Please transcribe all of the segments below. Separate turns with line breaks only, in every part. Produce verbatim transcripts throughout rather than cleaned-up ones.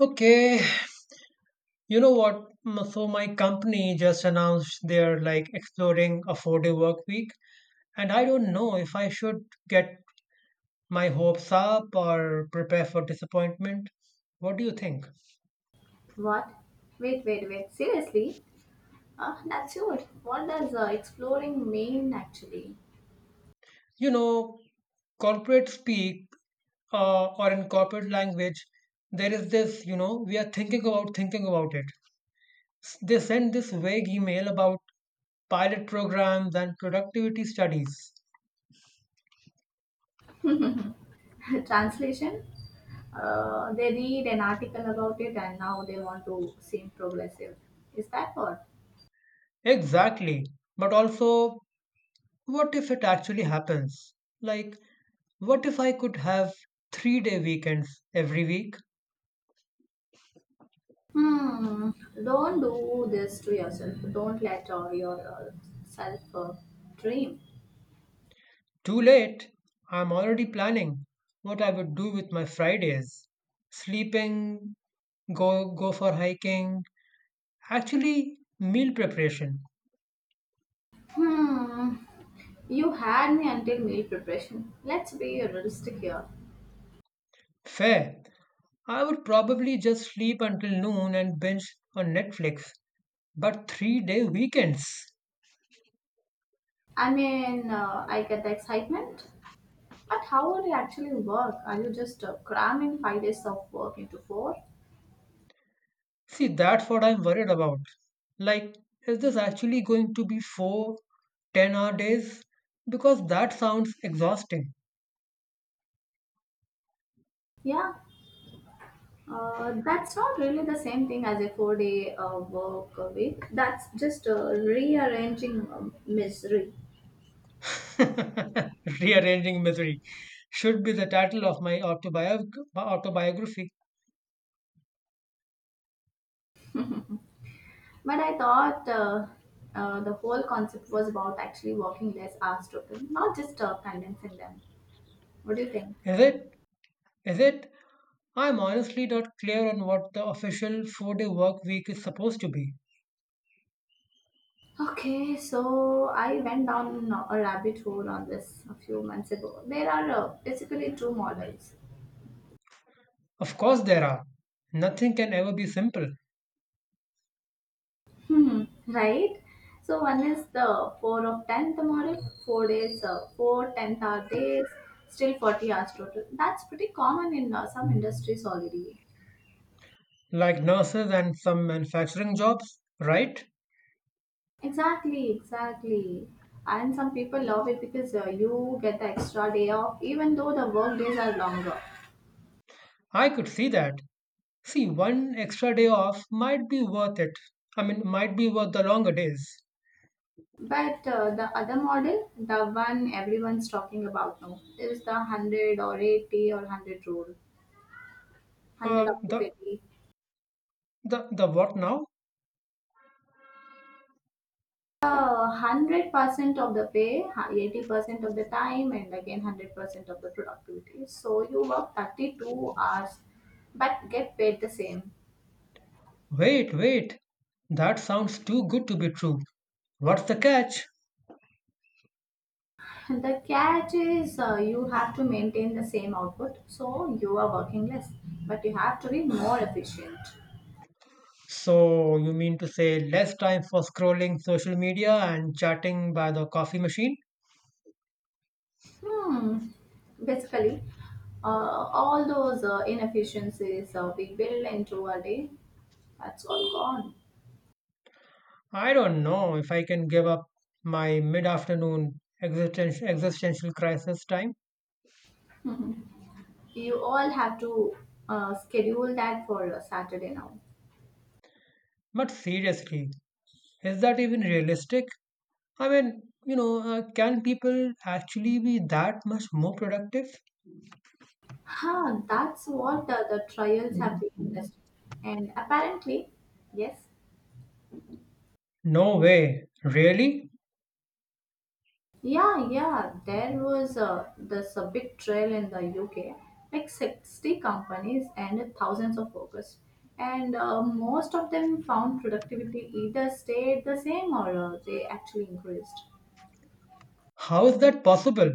Okay, you know what? M- So my company just announced they're like exploring a four-day work week, and I don't know if I should get my hopes up or prepare for disappointment. What do you think?
What? Wait, wait, wait. Seriously? Ah, that's good. What does uh, exploring mean actually?
You know, corporate speak uh, or in corporate language, there is this, you know, we are thinking about thinking about it. S- They send this vague email about pilot programs and productivity studies.
Translation? Uh, they read an article about it and now they want to seem progressive. Is that what?
Exactly. But also, what if it actually happens? Like, what if I could have three day weekends every week?
Hmm. Don't do this to yourself. Don't let uh, your uh, self uh, dream.
Too late. I'm already planning what I would do with my Fridays. Sleeping, go go for hiking. Actually, meal preparation.
Hmm. You had me until meal preparation. Let's be realistic here.
Fair. I would probably just sleep until noon and binge on Netflix. But three day weekends.
I mean, uh, I get the excitement. But how would it actually work? Are you just uh, cramming five days of work into four?
See, that's what I'm worried about. Like, is this actually going to be four, ten hour days? Because that sounds exhausting.
Yeah, uh, that's not really the same thing as a four day uh, work a week. That's just uh, rearranging um, misery.
Rearranging Misery should be the title of my autobiog- autobiography.
But I thought uh, uh, the whole concept was about actually working less hours total, not just uh, condensing them. What do you think?
Is it? Is it? I'm honestly not clear on what the official four day work week is supposed to be.
Okay, so I went down a rabbit hole on this a few months ago. There are uh, basically two models.
Of course, there are. Nothing can ever be simple,
Hmm, right? So one is the four of tenth model, four days, uh, four tenth hour days, still forty hours total. That's pretty common in uh, some industries already.
like nurses and some manufacturing jobs, right?
Exactly, exactly. And some people love it because uh, you get the extra day off even though the work days are longer.
I could see that. See, one extra day off might be worth it. I mean, might be worth the longer days.
But uh, the other model, the one everyone's talking about now, is the one hundred or eighty or one hundred rule. one hundred of
Uh,
the
the
fifty
the the what now?
hundred percent of the pay, eighty percent of the time, and again hundred percent of the productivity. So you work thirty-two hours, but get paid the same.
Wait, wait. That sounds too good to be true. What's the catch?
The catch is uh, you have to maintain the same output, so you are working less, but you have to be more efficient.
So you mean to say less time for scrolling social media and chatting by the coffee machine?
Hmm. Basically, uh, all those uh, inefficiencies uh, we build into a day, that's all gone.
I don't know if I can give up my mid-afternoon existential existential crisis time.
You all have to uh, schedule that for uh, Saturday now.
But seriously, is that even realistic? I mean, you know, uh, can people actually be that much more productive?
Huh, that's what uh, the trials have been testing. And apparently, yes.
No way. Really?
Yeah, yeah, there was uh, this uh, big trail in the U K, like sixty companies and thousands of workers. And uh, most of them found productivity either stayed the same or uh, they actually increased.
How is that possible?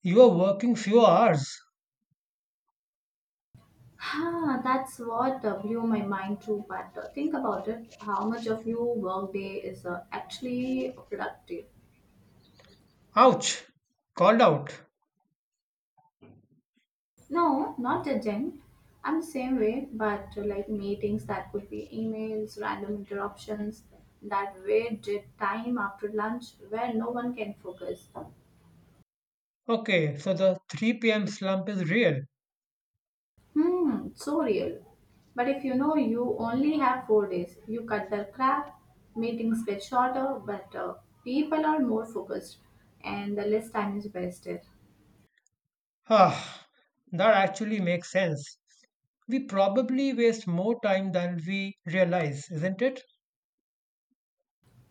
You are working few hours.
Huh, that's what uh, blew my mind too. But uh, think about it how much of your workday is uh, actually productive?
Ouch. Called out.
No, not judging. I'm the same way, but uh, like meetings that could be emails, random interruptions, that weird uh, time after lunch where no one can focus.
Okay, so the three p m slump is real.
Hmm, so real. But if you know you only have four days, you cut the crap, meetings get shorter, but uh, people are more focused and the less time is wasted.
Ah, that actually makes sense. We probably waste more time than we realize, isn't it?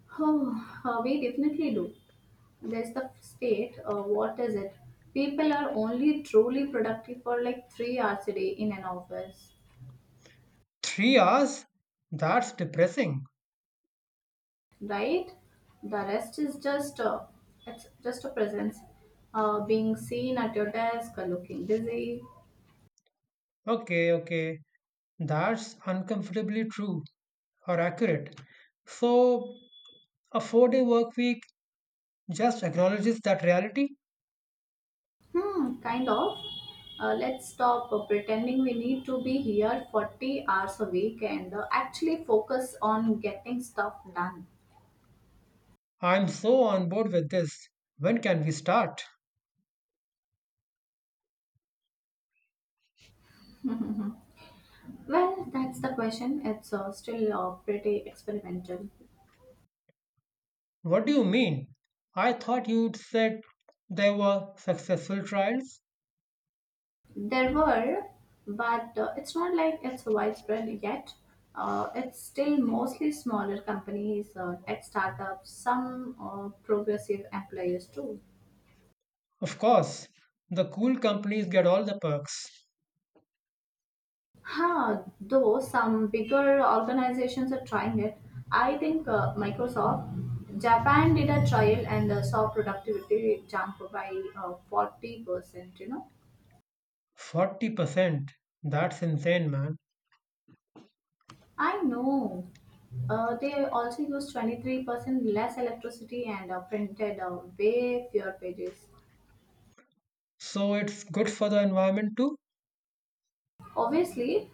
Oh, uh, we definitely do. There's the state, uh, what is it? People are only truly productive for like three hours a day in an office,
Three hours? That's depressing.
right? The rest is just uh, it's just a presence, uh, being seen at your desk, uh, looking busy.
Okay, okay. That's uncomfortably true, or accurate. So, a four day work week just acknowledges that reality.
Hmm, kind of. Uh, let's stop uh, pretending we need to be here forty hours a week and uh, actually focus on getting stuff done.
I'm so on board with this. When can we start?
Well, that's the question. It's uh, still uh, pretty experimental.
What do you mean? I thought you would said there were successful trials.
There were, but uh, it's not like it's widespread yet. Uh, it's still mostly smaller companies, uh, tech startups, some uh, progressive employers too.
Of course, the cool companies get all the perks.
Huh, though some bigger organizations are trying it. I think uh, Microsoft Japan did a trial and uh, saw productivity jump by uh, forty percent, you know.
forty percent. That's insane, man.
I know. Uh, they also used twenty-three percent less electricity and uh, printed uh, way fewer pages.
So, it's good for the environment too?
Obviously,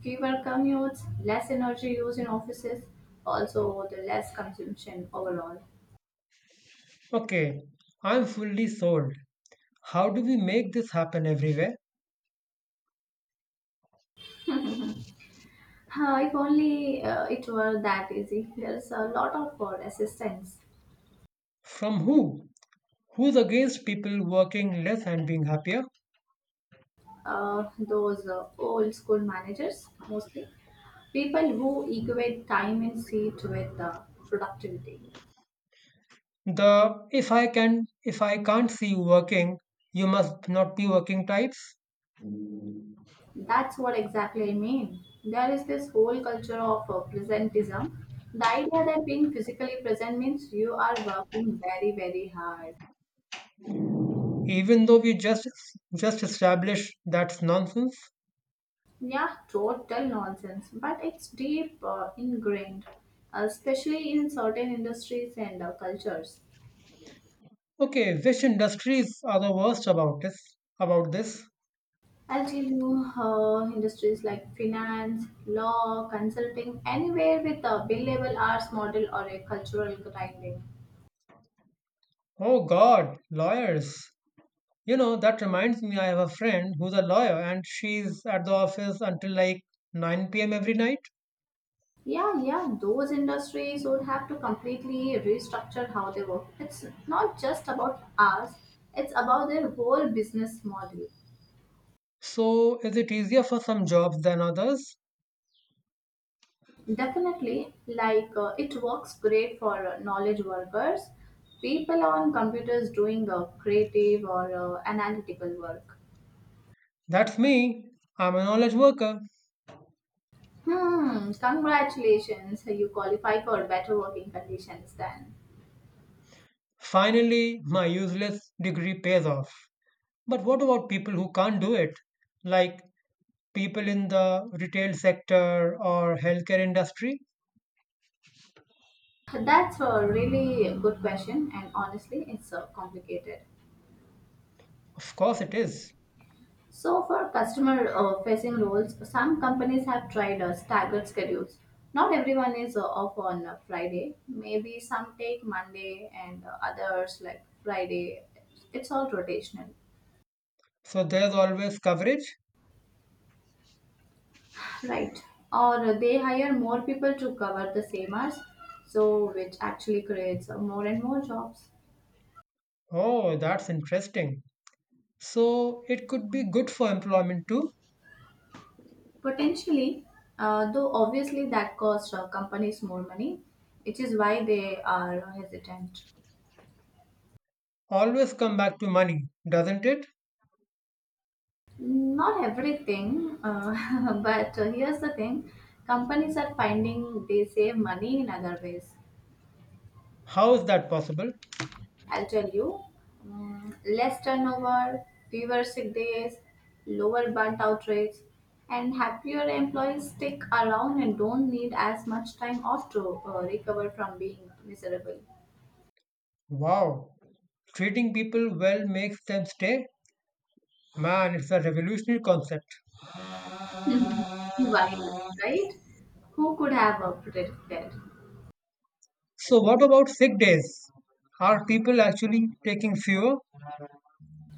fewer commutes, less energy used in offices, also the less consumption overall.
Okay, I'm fully sold. How do we make this happen everywhere?
Uh, if only uh, it were that easy. There's a lot of uh, assistants,
From who? Who's against people working less and being happier?
uh, those uh, old school managers mostly, people who equate time and seat with uh, productivity.
The if i can if i can't see you working, you must not be working types.
That's what exactly I mean. There is this whole culture of uh, presentism. The idea that being physically present means you are working very, very hard.
Even though we just just established that's nonsense.
Yeah, total nonsense, but it's deep uh, ingrained, uh, especially in certain industries and uh, cultures.
Okay, which industries are the worst about this about this
I'll tell you, uh, industries like finance, law, consulting, anywhere with a billable hours model or a cultural grinding.
Oh god, lawyers. You know that reminds me, I have a friend who's a lawyer and she's at the office until like nine p m every night.
Yeah, yeah, those industries would have to completely restructure how they work. It's not just about hours; it's about their whole business model.
So, is it easier for some jobs than others?
Definitely, like uh, it works great for uh, knowledge workers, people on computers doing uh, creative or uh, analytical work.
That's me. I'm a knowledge worker.
Hmm, congratulations, you qualify for better working conditions then.
Finally, my useless degree pays off. But what about people who can't do it? Like people in the retail sector or healthcare industry?
That's a really good question, and honestly, it's uh, complicated.
Of course it is.
So, for customer uh, facing roles, some companies have tried uh, staggered schedules. Not everyone is uh, off on uh, Friday. Maybe some take Monday and uh, others like Friday. It's all rotational,
So there's always coverage?
right? Or they hire more people to cover the same hours, so which actually creates uh, more and more jobs.
Oh, that's interesting. So it could be good for employment too.
Potentially, uh, though obviously that costs uh, companies more money, which is why they are hesitant.
Always come back to money, doesn't it?
Not everything, uh, but uh, here's the thing companies are finding they save money in other ways.
How is that possible?
I'll tell you mm, less turnover, fewer sick days, lower burnt out rates, and happier employees stick around and don't need as much time off to uh, recover from being miserable.
Wow. Treating people well makes them stay? Man, it's a revolutionary concept.
Why, right? Who could have a predicted?
So, what about sick days? Are people actually taking fewer?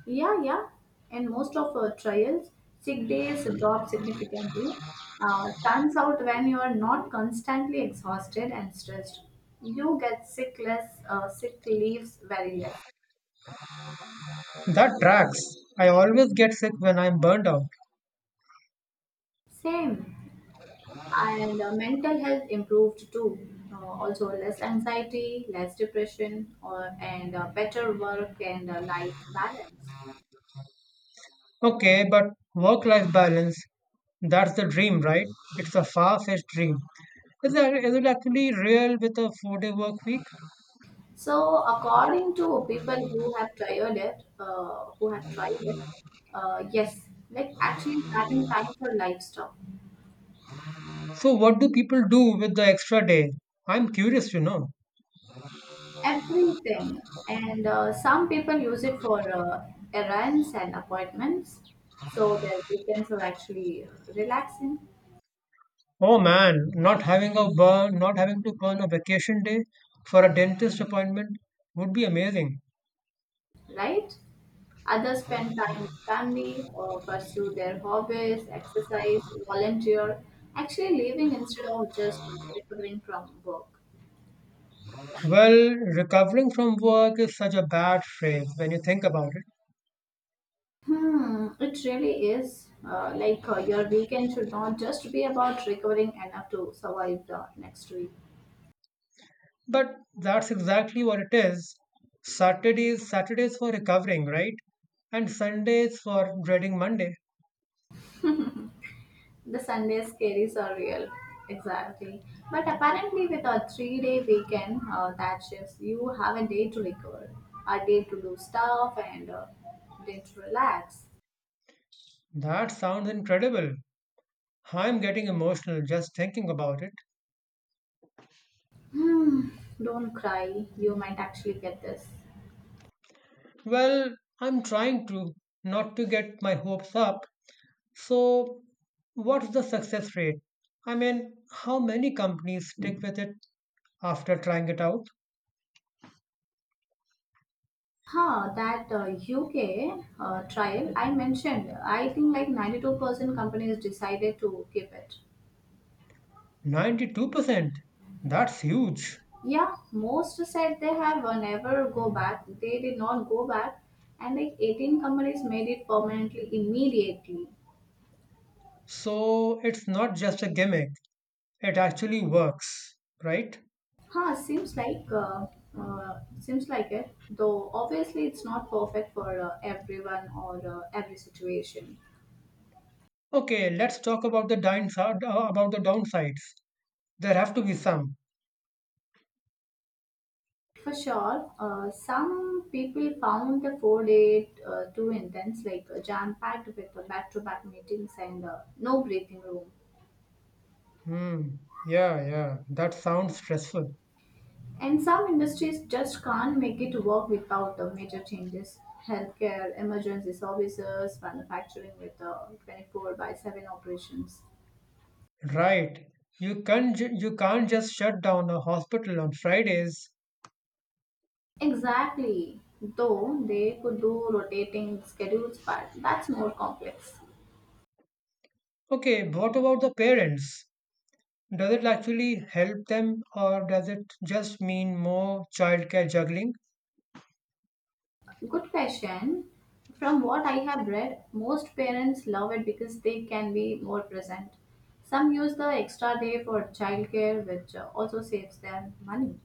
Yeah, yeah. And most of our trials, sick days drop significantly. Uh, turns out when you are not constantly exhausted and stressed, you get sick less, uh, sick leaves very less.
That tracks. I always get sick when I'm burned out.
Same. And uh, mental health improved too. Uh, also less anxiety, less depression, or and uh, better work and uh, life balance.
Okay, but work life balance, that's the dream, right? It's a far fetched dream. Is, that, is it actually real with a four day work week?
So, according to people who have tried it, uh, who have tried it, uh, yes, like actually having time for livestock,
So, what do people do with the extra day? I'm curious to know.
everything, and uh, some people use it for uh, errands and appointments, so their weekends are actually relaxing,
Oh man, not having a burn, not having to burn a vacation day for a dentist appointment would be amazing.
right? Others spend time with family or pursue their hobbies, exercise, volunteer, actually living instead of just recovering from work.
Well, recovering from work is such a bad phrase when you think about it,
Hmm, it really is. Uh, like uh, your weekend should not just be about recovering enough to survive the next week.
but that's exactly what it is. Saturdays, Saturdays for recovering, right? And Sundays for dreading Monday.
The Sunday scaries are real, exactly. But apparently, with a three-day weekend uh, that shifts, you have a day to recover, a day to do stuff, and a day to relax.
That sounds incredible. I'm getting emotional just thinking about it.
Hmm, don't cry. You might actually get this.
Well, I'm trying to not to get my hopes up. So, what's the success rate? I mean, how many companies stick with it after trying it out?
Huh, that uh, U K uh, trial I mentioned, I think like ninety-two percent companies decided to keep it.
ninety-two percent? That's huge.
Yeah, most said they have uh, never go back. They did not go back, and like eighteen companies made it permanently immediately.
So it's not just a gimmick, it actually works, right?
Huh, seems like uh, uh, seems like it. Though obviously it's not perfect for uh, everyone or uh, every situation.
Okay, let's talk about the downside, about the downsides. There have to be some.
For sure, uh, some people found the four day uh, too intense, like uh, jam-packed with uh, back-to-back meetings and uh, no breathing room.
Hmm. Yeah, yeah. That sounds stressful.
And some industries just can't make it work without uh, major changes. Healthcare, emergency services, manufacturing with uh, twenty-four by seven operations.
Right. You can't ju- you can't just shut down a hospital on Fridays.
Exactly. Though they could do rotating schedules, but that's more complex.
Okay, what about the parents? Does it actually help them or does it just mean more childcare juggling?
Good question. From what I have read, most parents love it because they can be more present. Some use the extra day for childcare, which uh, also saves them money.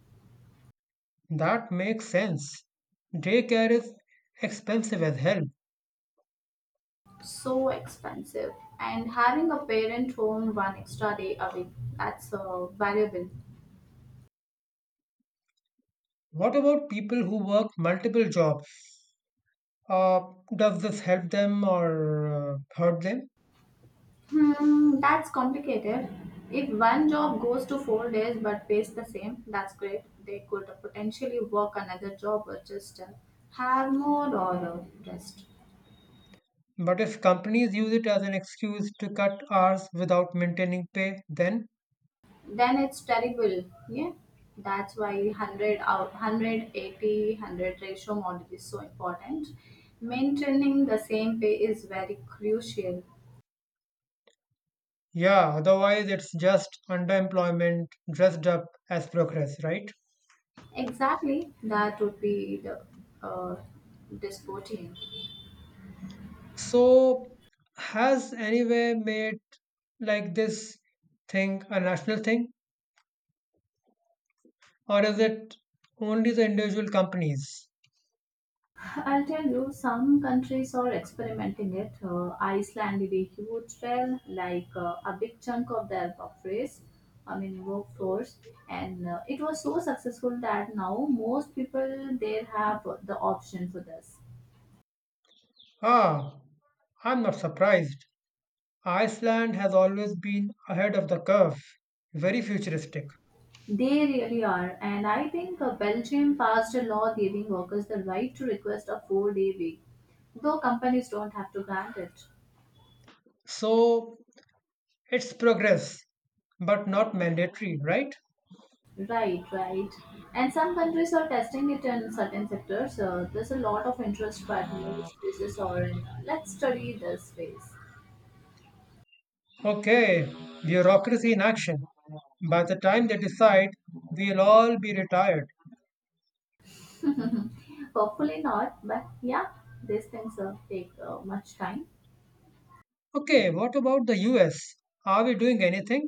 That makes sense. Daycare is expensive as hell.
So expensive. And having a parent home one extra day a week, that's uh, valuable.
What about people who work multiple jobs? Uh, does this help them or uh, hurt them?
Hmm, that's complicated. If one job goes to four days but pays the same, that's great. They could potentially work another job or just uh, have more or uh, rest.
But if companies use it as an excuse to cut hours without maintaining pay, then
Then it's terrible. Yeah, that's why one hundred out one hundred eighty ratio model is so important. Maintaining the same pay is very crucial.
yeah, otherwise it's just underemployment dressed up as progress, right?
Exactly, that would be the uh, disputing.
So, has anyway made like this thing a national thing? Or is it only the individual companies?
I'll tell you, some countries are experimenting it. Uh, Iceland did a huge trail, like uh, a big chunk of their workforce, I mean workforce, and uh, it was so successful that now most people there have the option for this.
Ah, I'm not surprised. Iceland has always been ahead of the curve, very futuristic.
They really are, and I think uh, Belgium passed a law giving workers the right to request a four-day week, though companies don't have to grant it.
So it's progress, but not mandatory, right?
Right, right. And some countries are testing it in certain sectors. Uh, there's a lot of interest, but new spaces or in. uh, let's study this space.
Okay, bureaucracy in action. By the time they decide, we'll all be retired.
Hopefully not, but yeah, these things uh, take uh, much time.
Okay, what about the U S? Are we doing anything?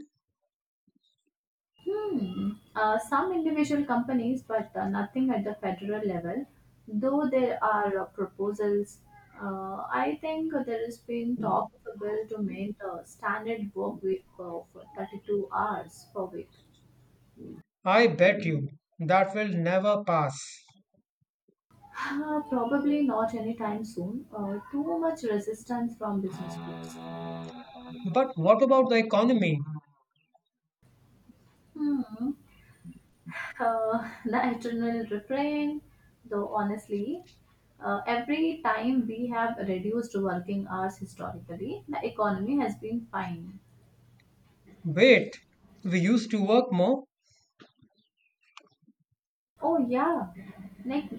Hmm. Uh, some individual companies, but uh, nothing at the federal level. Though there are uh, proposals, uh, I think there has been talk of a bill to make the standard work week of thirty-two hours per week.
I bet you that will never pass.
Uh, probably not anytime soon. Uh, too much resistance from business groups.
But what about the economy?
Hmm. Uh, the eternal refrain, though, honestly, uh, every time we have reduced working hours historically, the economy has been fine.
Wait, we used to work more?
Oh, yeah, like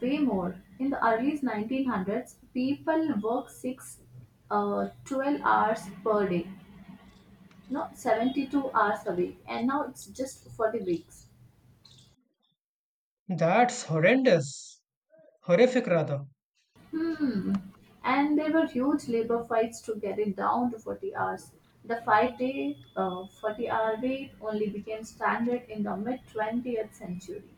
way more. In the early nineteen hundreds, people work six uh, twelve hours per day, not seventy-two hours a week, and now it's just forty weeks.
That's horrendous. Horrific, rather.
Hmm. And there were huge labor fights to get it down to forty hours. The five day, uh, forty hour week only became standard in the mid twentieth century.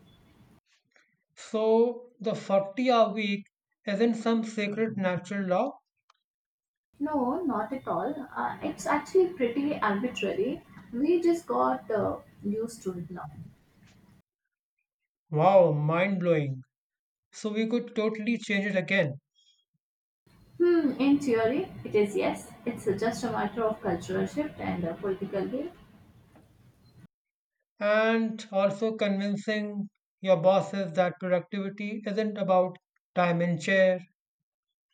So, the forty hour week isn't some sacred natural law?
No, not at all. Uh, it's actually pretty arbitrary. We just got uh, used to it now.
Wow, mind blowing. So, we could totally change it again.
Hmm, in theory, it is yes. It's just a matter of cultural shift and uh, political will.
And also convincing your bosses that productivity isn't about time and chair.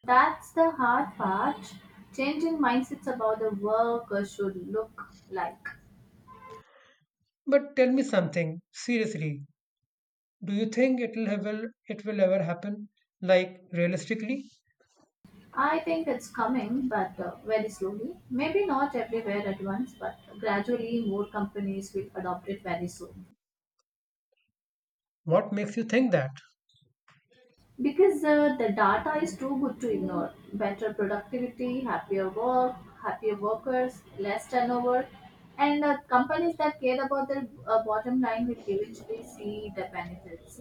That's the hard part. Changing mindsets about the work uh, should look like.
But tell me something, seriously, do you think it will, ever, it will ever happen? Like, realistically,
I think it's coming, but uh, very slowly. Maybe not everywhere at once, but gradually more companies will adopt it very soon.
what makes you think that?
Because uh, the data is too good to ignore. Better productivity, happier work, happier workers, less turnover, and uh, companies that care about their uh, bottom line will eventually see the benefits.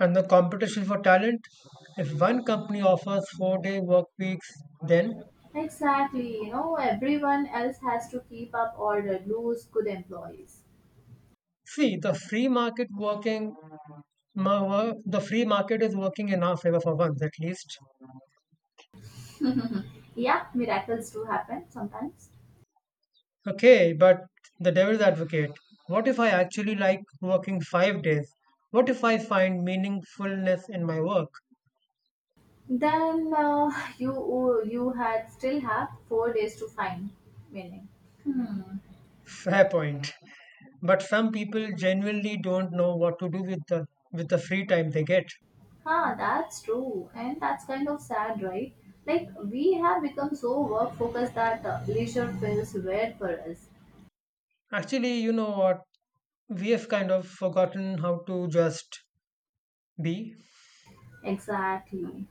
And the competition for talent? If one company offers four day work weeks, then
Exactly, you know, everyone else has to keep up or uh, lose good employees.
see the free market working, ma- wo- the free market is working in our favor for once at least.
Yeah, miracles do happen sometimes.
Okay, but the devil's advocate. What if I actually like working five days? What if I find meaningfulness in my work?
Then uh, you you had still have four days to find meaning.
Fair point. But some people genuinely don't know what to do with the with the free time they get.
Huh, that's true, and that's kind of sad, right? Like we have become so work focused that uh, leisure feels weird for us.
Actually, you know what? We have kind of forgotten how to just be.
Exactly,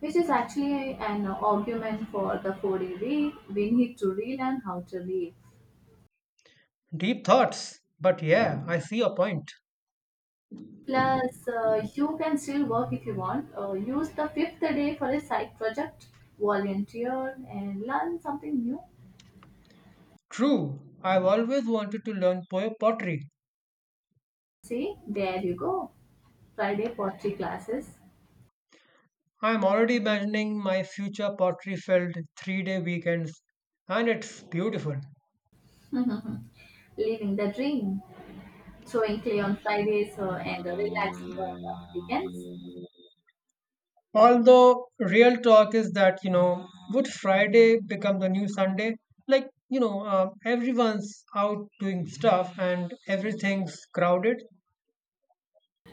which is actually an argument for the four-day week. We need to relearn how to live.
Deep thoughts. But yeah, I see your point.
Plus, uh, you can still work if you want. Uh, use the fifth day for a side project, volunteer, and learn something new.
True, I've always wanted to learn po- pottery.
See, there you go. Friday pottery classes.
I'm already imagining my future pottery filled three day weekends, and it's beautiful.
Living the dream. Throwing clay on Fridays uh, and uh, relaxing on the weekends.
Although, real talk is that, you know, would Friday become the new Sunday? Like, you know, uh, everyone's out doing stuff and everything's crowded.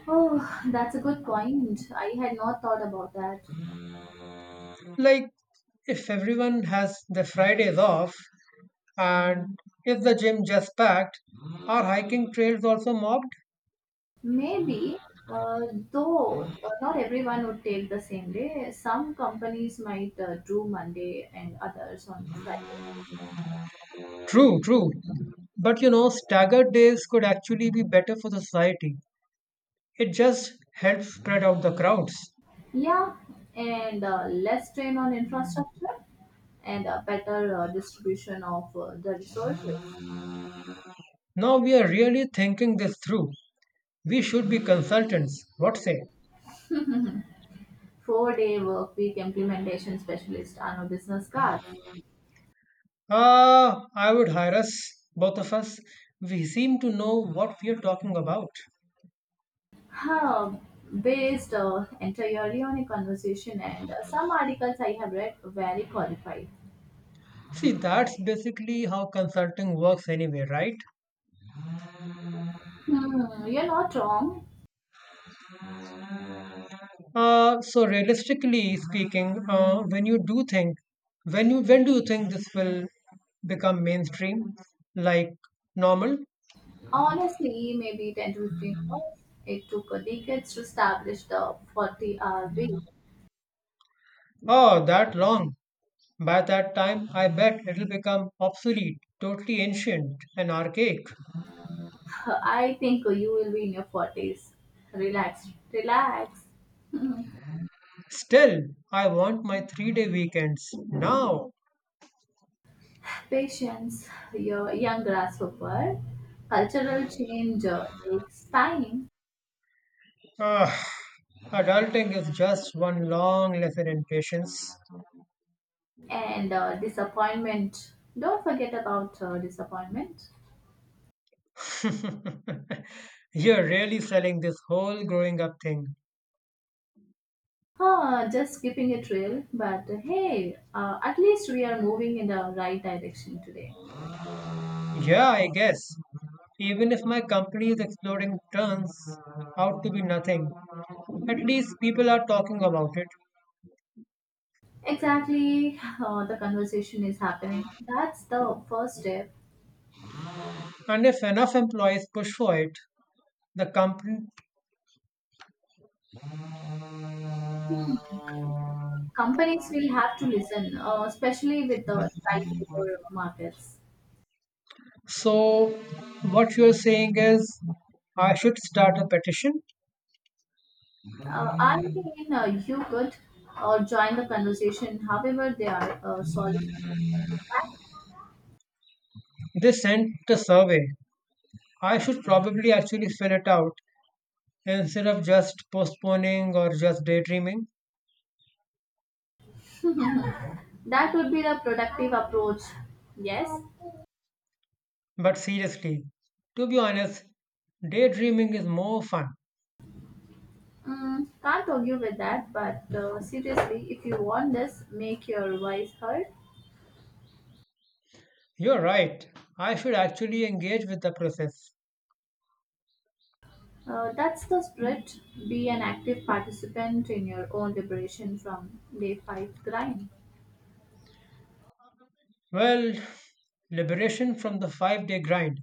Oh, that's a good point. I had not thought about that.
Like, if everyone has the Fridays off, and is the gym just packed? Are hiking trails also mobbed?
Maybe, uh, though, uh, not everyone would take the same day. Some companies might uh, do Monday and others on Friday.
True, true. But you know, staggered days could actually be better for the society. It just helps spread out the crowds.
Yeah, and uh, less strain on infrastructure and a better uh, distribution of uh, the resources.
Now we are really thinking this through. We should be consultants. What say?
Four-day work week implementation specialist on a business cards.
Ah, I would hire us, both of us. We seem to know what we are talking about.
Huh, based uh, entirely on a conversation and uh, some articles I have read very qualified.
See, that's basically how consulting works anyway, right?
Hmm, you're not wrong.
Uh, so realistically speaking, uh, when you do think, when you when do you think this will become mainstream, like normal?
Honestly, maybe ten to fifteen hours. It took uh, decades to establish the forty-hour week.
Oh, that long. By that time, I bet it'll become obsolete, totally ancient and archaic.
I think uh, you will be in your forties. Relax, relax. Hmm.
Still, I want my three-day weekends now.
Patience, your young grasshopper. Cultural change uh, takes time.
Ugh, adulting is just one long lesson in patience.
And uh, disappointment. Don't forget about uh, disappointment.
You're really selling this whole growing up thing.
Huh, just skipping a trail, but uh, hey, uh, at least we are moving in the right direction today.
Yeah, I guess. Even if my company is exploding turns out to be nothing, at least people are talking about it.
Exactly, uh, the conversation is happening. That's the first step.
And if enough employees push for it, the company.
Companies will have to listen, uh, especially with the tight labor markets.
So, what you're saying is, I should start a petition?
Uh, I mean, uh, you could uh, join the conversation however they are uh, soliciting.
They sent a survey. I should probably actually fill it out instead of just postponing or just daydreaming.
That would be the productive approach. Yes,
But seriously, to be honest, daydreaming is more fun.
mm, can't argue with that. But uh, seriously, if you want this, make your voice heard.
You're right. I should actually engage with the process.
Uh, that's the spirit. Be an active participant in your own liberation from day five grind.
Well, liberation from the five day grind.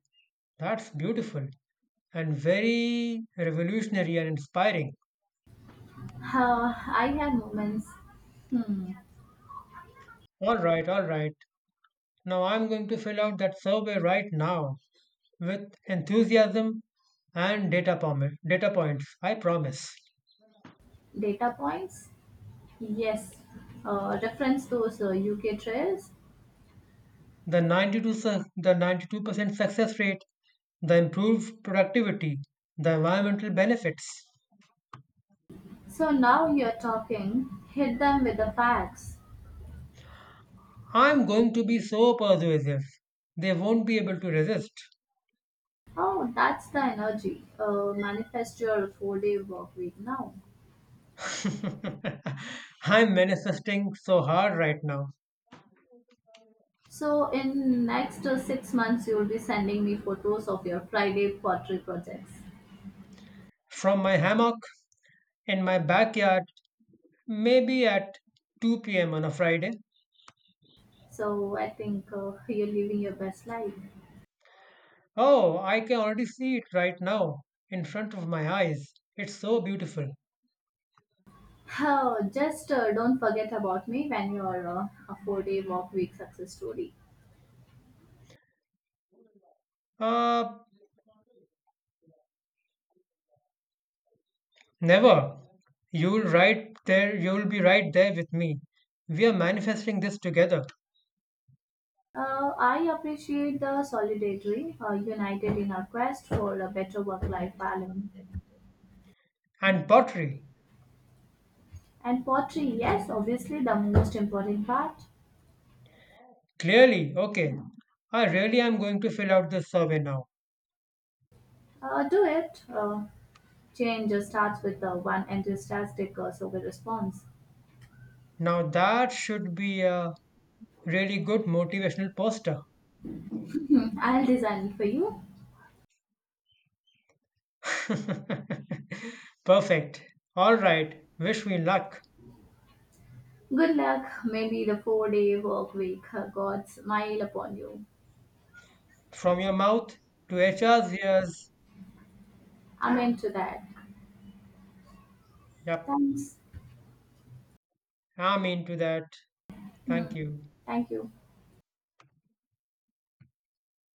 That's beautiful and very revolutionary and inspiring.
Uh, I have moments. Hmm.
All right, all right. Now I'm going to fill out that survey right now with enthusiasm and data, pom- data points. I promise.
Data points? Yes. Uh, reference those uh, U K trails.
The ninety-two su- the ninety-two percent success rate, the improved productivity, the environmental benefits.
So now you're talking. Hit them with the facts.
I'm going to be so persuasive. They won't be able to resist.
Oh, that's the energy. Uh, manifest your four-day work week now.
I'm manifesting so hard right now.
So in next uh, six months, you'll be sending me photos of your Friday pottery projects.
From my hammock in my backyard, maybe at two p m on a Friday.
So I think uh, you're living your best life.
Oh, I can already see it right now in front of my eyes. It's so beautiful.
Oh, just uh, don't forget about me when you're uh, a four-day work week success story.
Uh, Never. You'll right there. You'll be right there with me. We are manifesting this together.
Uh, I appreciate the solidarity uh, united in our quest for a better work-life balance.
And pottery.
And pottery, yes, obviously the most important part.
Clearly, okay. I really am going to fill out this survey now.
Uh, do it. Uh, change uh, starts with uh, one enthusiastic uh, survey response.
Now that should be a really good motivational poster.
"Mhm, I'll design it for you.
Perfect. All right. Wish me luck.
Good luck. Maybe the four day work week, uh, God smile upon you.
From your mouth to H R's ears.
Amen to that.
Yep.
Thanks.
I'm into that. Thank
Hmm,
you.
thank you.